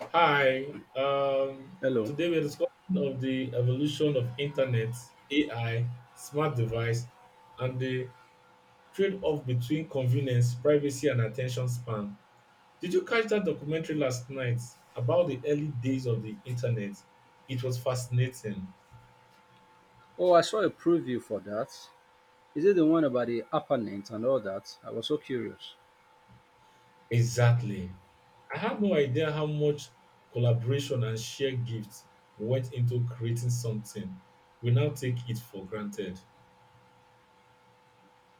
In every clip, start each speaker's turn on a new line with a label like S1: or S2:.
S1: Hi.
S2: Hello.
S1: Today we're discussing of the evolution of internet, AI, smart device, and the trade-off between convenience, privacy, and attention span. Did you catch that documentary last night about the early days of the internet? It was fascinating.
S2: Oh, I saw a preview for that. Is it the one about the apparent and all that? I was so curious.
S1: Exactly. I had no idea how much collaboration and shared gifts went into creating something. We now take it for granted.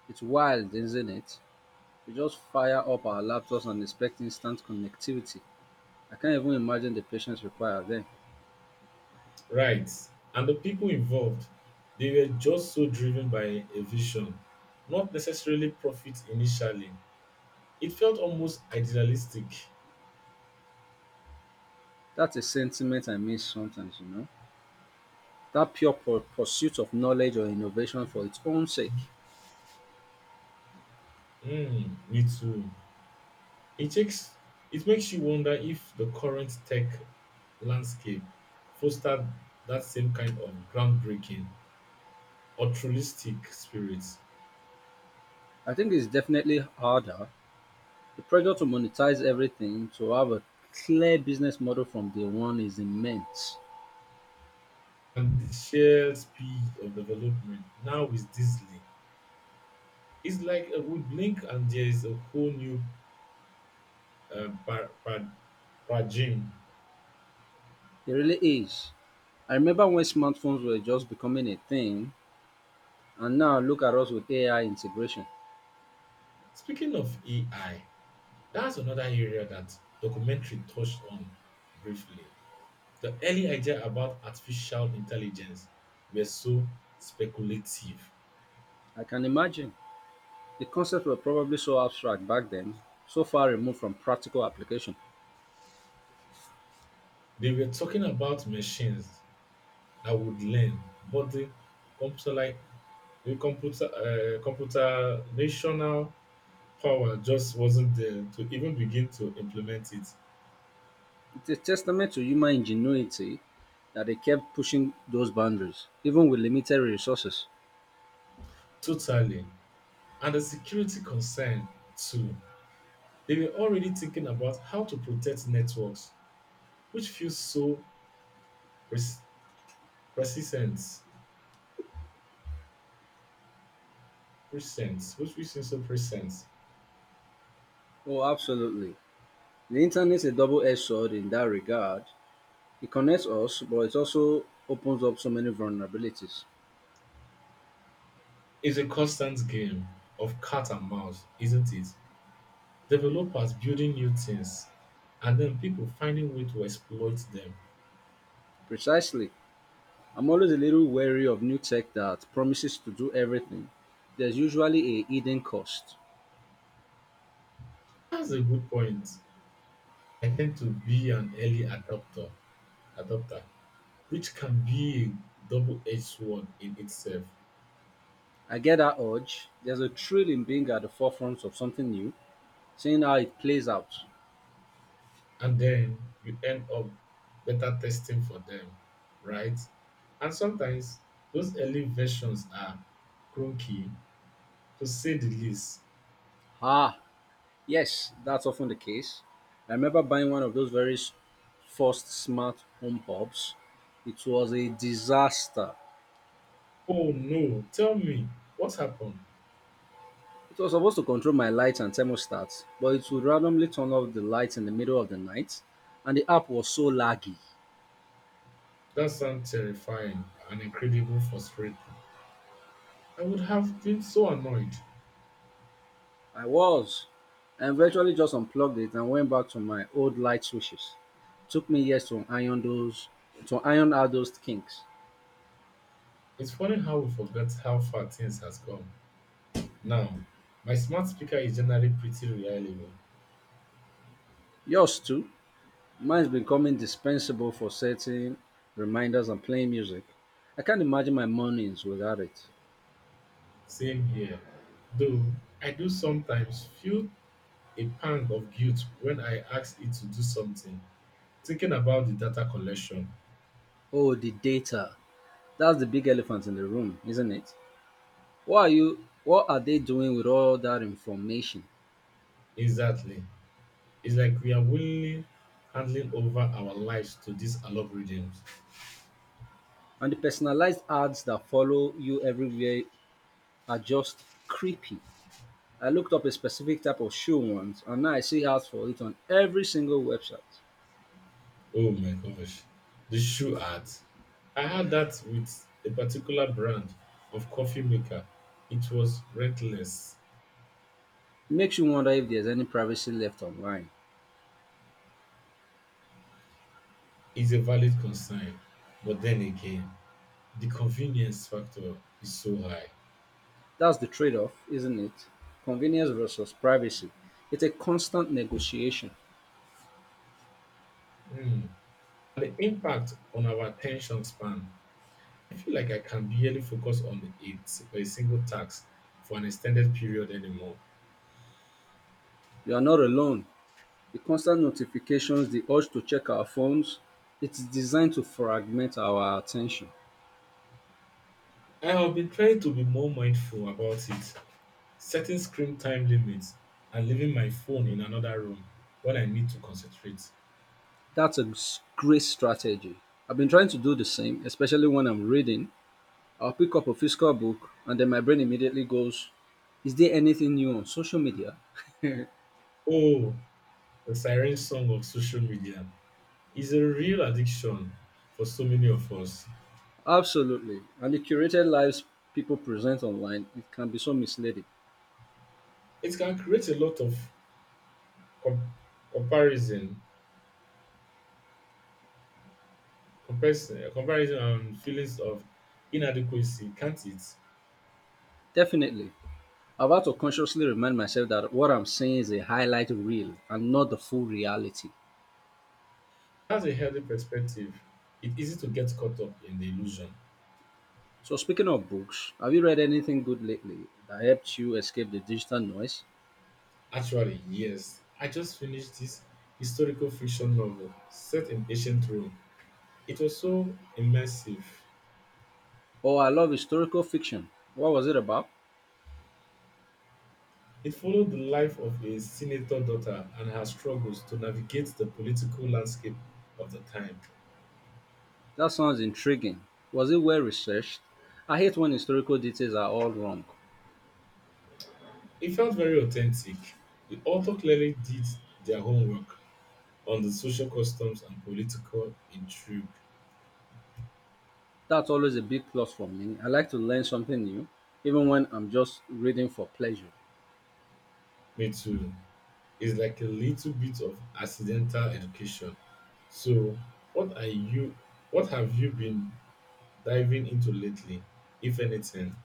S2: It's wild, isn't it? We just fire up our laptops and expect instant connectivity. I can't even imagine the patience required then.
S1: Right. And the people involved, they were just so driven by a vision, not necessarily profit initially. It felt almost idealistic.
S2: That's a sentiment I miss sometimes, you know? That pursuit of knowledge or innovation for its own sake.
S1: Mm, me too. It takes it makes you wonder if the current tech landscape fostered that same kind of groundbreaking, altruistic spirit.
S2: I think it's definitely harder. The pressure to monetize everything, to have a clear business model from day one is immense.
S1: And the sheer speed of development now is dizzy. It's like we blink and there is a whole new uh, Pra- Pra- Prajim.
S2: It really is. I remember when smartphones were just becoming a thing, and now look at us with AI integration.
S1: Speaking of AI, that's another area that documentary touched on briefly. The early idea about artificial intelligence were so speculative.
S2: I can imagine. The concepts were probably so abstract back then, so far removed from practical application.
S1: They were talking about machines that would learn, but computer like the computer computational power just wasn't there to even begin to implement it
S2: It's a testament to human ingenuity that they kept pushing those boundaries, even with limited resources.
S1: totally. And the security concern too. They were already thinking about how to protect networks, which feels so pres- persistent, present, which we seems so present.
S2: Oh, absolutely. The internet is a double edged sword in that regard. It connects us, but it also opens up so many vulnerabilities.
S1: It's a constant game of cat and mouse, isn't it? Developers building new things, and then people finding way to exploit them.
S2: Precisely. I'm always a little wary of new tech that promises to do everything. There's usually a hidden cost.
S1: That's a good point. I tend to be an adopter, which can be a double-edged sword in itself.
S2: I get that urge. There's a thrill in being at the forefront of something new, seeing how it plays out.
S1: And then you end up better testing for them, right? And sometimes those early versions are clunky, to say the least.
S2: Ah, yes, that's often the case. I remember buying one of those first smart home hubs. It was a disaster.
S1: Oh no, tell me, what happened?
S2: It was supposed to control my lights and thermostats, but it would randomly turn off the lights in the middle of the night, and the app was so laggy.
S1: That sounds terrifying and incredibly frustrating. I would have been so annoyed.
S2: I was. I eventually just unplugged it and went back to my old light switches. Took me years to iron those to iron out those kinks.
S1: It's funny how we forget how far things has come. Now, my smart speaker is generally pretty reliable.
S2: Yours too. Mine's become indispensable for setting reminders and playing music. I can't imagine my mornings without it.
S1: Same here. Though I do sometimes feel a pang of guilt when I asked it to do something. Thinking about the data collection,
S2: Oh, the data. That's the big elephant in the room, isn't it? What are they doing with all that information?
S1: exactly. It's like we are willingly handing over our lives to these algorithms.
S2: And the personalized ads that follow you everywhere are just creepy. I looked up a specific type of shoe once and now I see ads for it on every single website.
S1: Oh my gosh. The shoe art. I had that with a particular brand of coffee maker. It was reckless.
S2: It makes you wonder if there's any privacy left online.
S1: It's a valid concern. But then again, the convenience factor is so high.
S2: That's the trade off, isn't it? Convenience versus privacy. It's a constant negotiation.
S1: Hmm. The impact on our attention span. I feel like I can barely focus on a single task for an extended period anymore.
S2: You are not alone. The constant notifications, the urge to check our phones, it's designed to fragment our attention.
S1: I have been trying to be more mindful about it, setting screen time limits and leaving my phone in another room when I need to concentrate.
S2: That's a great strategy. I've been trying to do the same, especially when I'm reading, I'll pick up a physical book and then my brain immediately goes, is there anything new on social media?
S1: Oh, the siren song of social media is a real addiction for so many of us.
S2: Absolutely. And the curated lives people present online, it can be so misleading.
S1: It can create a lot of com- comparison, comparison and feelings of inadequacy, can't it?
S2: Definitely. I've had to consciously remind myself that what I'm saying is a highlight reel and not the full reality.
S1: That's a healthy perspective. It's easy to get caught up in the illusion.
S2: So, speaking of books, have you read anything good lately that helped you escape the digital noise?
S1: Actually, yes, I just finished this historical fiction novel set in ancient Rome. It was so immersive.
S2: Oh, I love historical fiction. What was it about?
S1: It followed the life of a senator daughter and her struggles to navigate the political landscape of the time.
S2: That sounds intriguing. Was it well researched? I hate when historical details are all wrong.
S1: It felt very authentic. The author clearly did their homework on the social customs and political intrigue.
S2: That's always a big plus for me. I like to learn something new, even when I'm just reading for pleasure.
S1: Me too. It's like a little bit of accidental education. So, what are you what have you been diving into lately, if anything?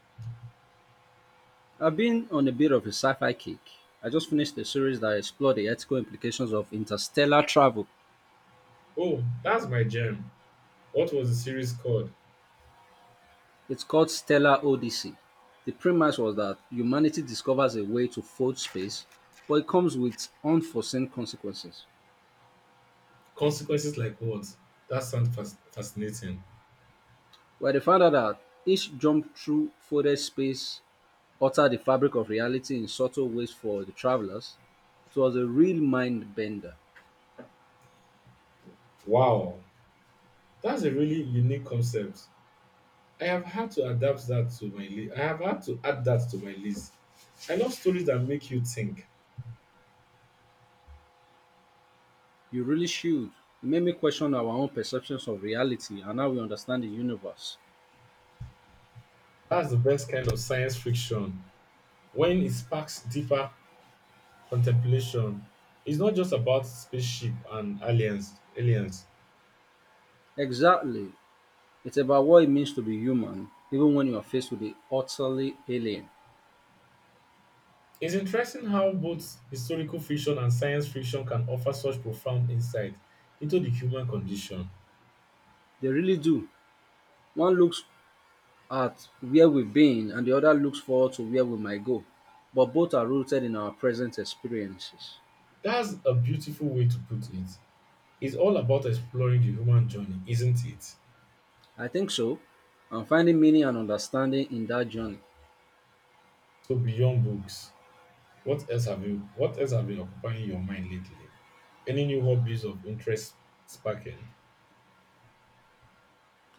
S2: I've been on a bit of a sci fi kick. I just finished a series that explored the ethical implications of interstellar travel.
S1: Oh, that's my jam. What was the series called?
S2: It's called Stellar Odyssey. The premise was that humanity discovers a way to fold space, but it comes with unforeseen consequences.
S1: Consequences like what? That sounds fascinating.
S2: Where they found out that each jump through folded space altered the fabric of reality in subtle ways for the travelers, it was a real mind bender.
S1: Wow, that's a really unique concept. I have had to adapt that to my list. I have had to add that to my list. I love stories that make you think.
S2: You really should. It made me question our own perceptions of reality and how we understand the universe.
S1: That's the best kind of science fiction. When it sparks deeper contemplation is not just about spaceship and aliens aliens.
S2: Exactly. It's about what it means to be human, even when you are faced with the utterly alien.
S1: It's interesting how both historical fiction and science fiction can offer such profound insight into the human condition.
S2: They really do. One looks at where we've been, and the other looks forward to where we might go. But both are rooted in our present experiences.
S1: That's a beautiful way to put it. It's all about exploring the human journey, isn't it?
S2: I think so. I'm finding meaning and understanding in that journey.
S1: So, beyond books, what else have been occupying your mind lately, any new hobbies of interest sparking?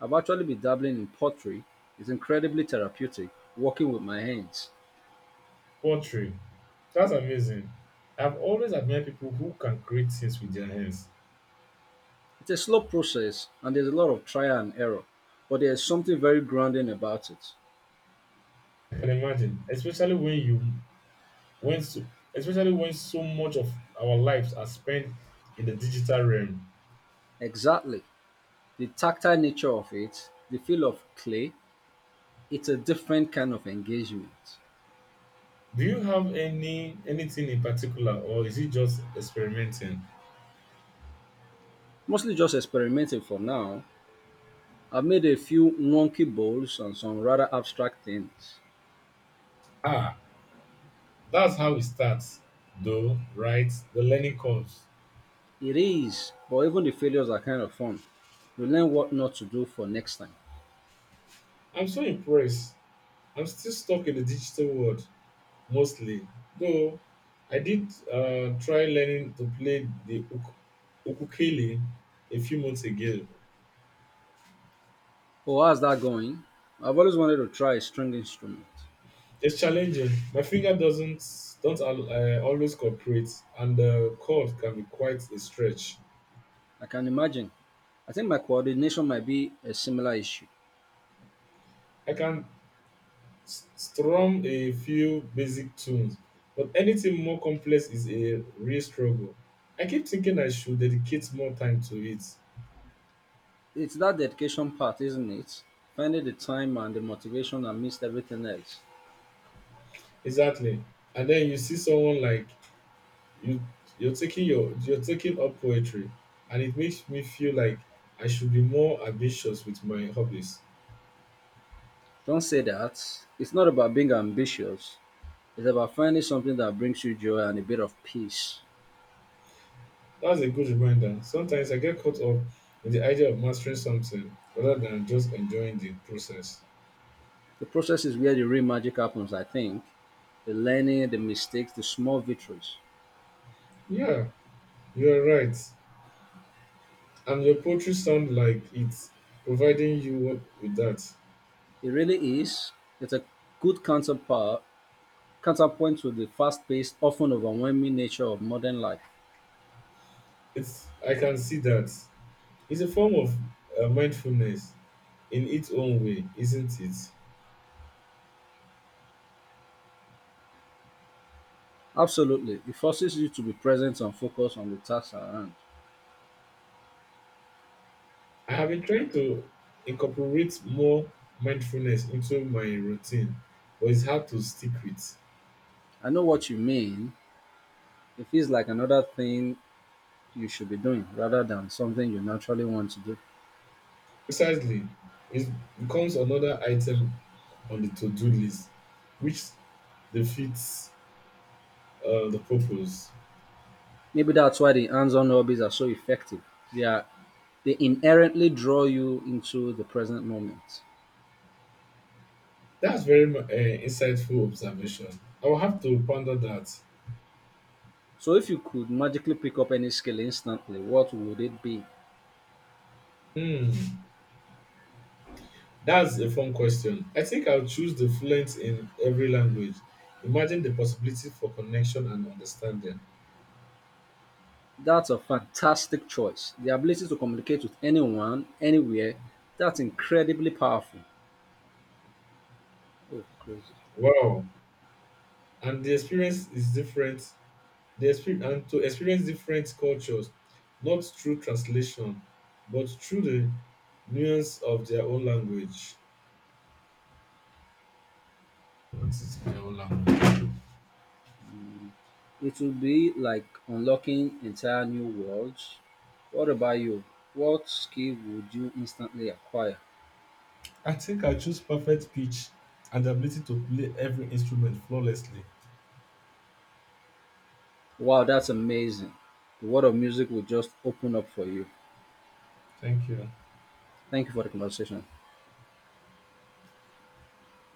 S2: I've actually been dabbling in pottery. It's incredibly therapeutic, working with my hands.
S1: Poetry, that's amazing. I've always admired people who can create things with their hands.
S2: It's a slow process and there's a lot of trial and error, but there's something very grounding about it.
S1: I can imagine, especially when you when so, especially when so much of our lives are spent in the digital realm.
S2: Exactly. The tactile nature of it, the feel of clay, it's a different kind of engagement.
S1: Do you have any anything in particular, or is it just experimenting?
S2: Mostly just experimenting for now. I've made a few wonky bowls and some rather abstract things.
S1: Ah, that's how it starts, though, right? The learning curves.
S2: It is, but even the failures are kind of fun. You learn what not to do for next time.
S1: I'm so impressed. I'm still stuck in the digital world mostly, though. I did try learning to play the ukulele a few months ago.
S2: Oh, how's that going? I've always wanted to try a string instrument.
S1: It's challenging. My finger doesn't don't always cooperate, and the chord can be quite a stretch.
S2: I can imagine. I think my coordination might be a similar issue.
S1: I can strum a few basic tunes, but anything more complex is a real struggle. I keep thinking I should dedicate more time to it.
S2: It's that dedication part, isn't it? Finding the time and the motivation amidst everything else.
S1: Exactly, and then you see someone like you. You're taking up poetry, and it makes me feel like I should be more ambitious with my hobbies.
S2: Don't say that. It's not about being ambitious. It's about finding something that brings you joy and a bit of peace.
S1: That's a good reminder. Sometimes I get caught up in the idea of mastering something rather than just enjoying the process.
S2: The process is where the real magic happens, I think. The learning, the mistakes, the small victories.
S1: Yeah, you are right. And your poetry sound like it's providing you with that.
S2: It really is. It's a good counterpoint to the fast paced, often overwhelming nature of modern life.
S1: It's I can see that. It's a form of mindfulness in its own way, isn't it?
S2: Absolutely. It forces you to be present and focused on the task at hand.
S1: I have been trying to incorporate more mindfulness into my routine, but it's hard to stick with.
S2: I know what you mean. It feels like another thing you should be doing rather than something you naturally want to do.
S1: Precisely, it becomes another item on the to-do list, which defeats the purpose.
S2: Maybe that's why the hands on hobbies are so effective. They, are, they inherently draw you into the present moment.
S1: That's very insightful observation. I will have to ponder that.
S2: So, if you could magically pick up any skill instantly, what would it be?
S1: Hmm, that's a fun question. I think I'll choose the fluent in every language. Imagine the possibility for connection and understanding.
S2: That's a fantastic choice. The ability to communicate with anyone, anywhere, that's incredibly powerful. Oh, crazy.
S1: Wow, and the experience, and to experience different cultures, not through translation, but through the nuance of their own language. What is their own language?
S2: It will be like unlocking entire new worlds. What about you? What skill would you instantly acquire?
S1: I think I choose perfect pitch and the ability to play every instrument flawlessly.
S2: Wow, that's amazing. The world of music will just open up for you.
S1: Thank you.
S2: Thank you for the conversation.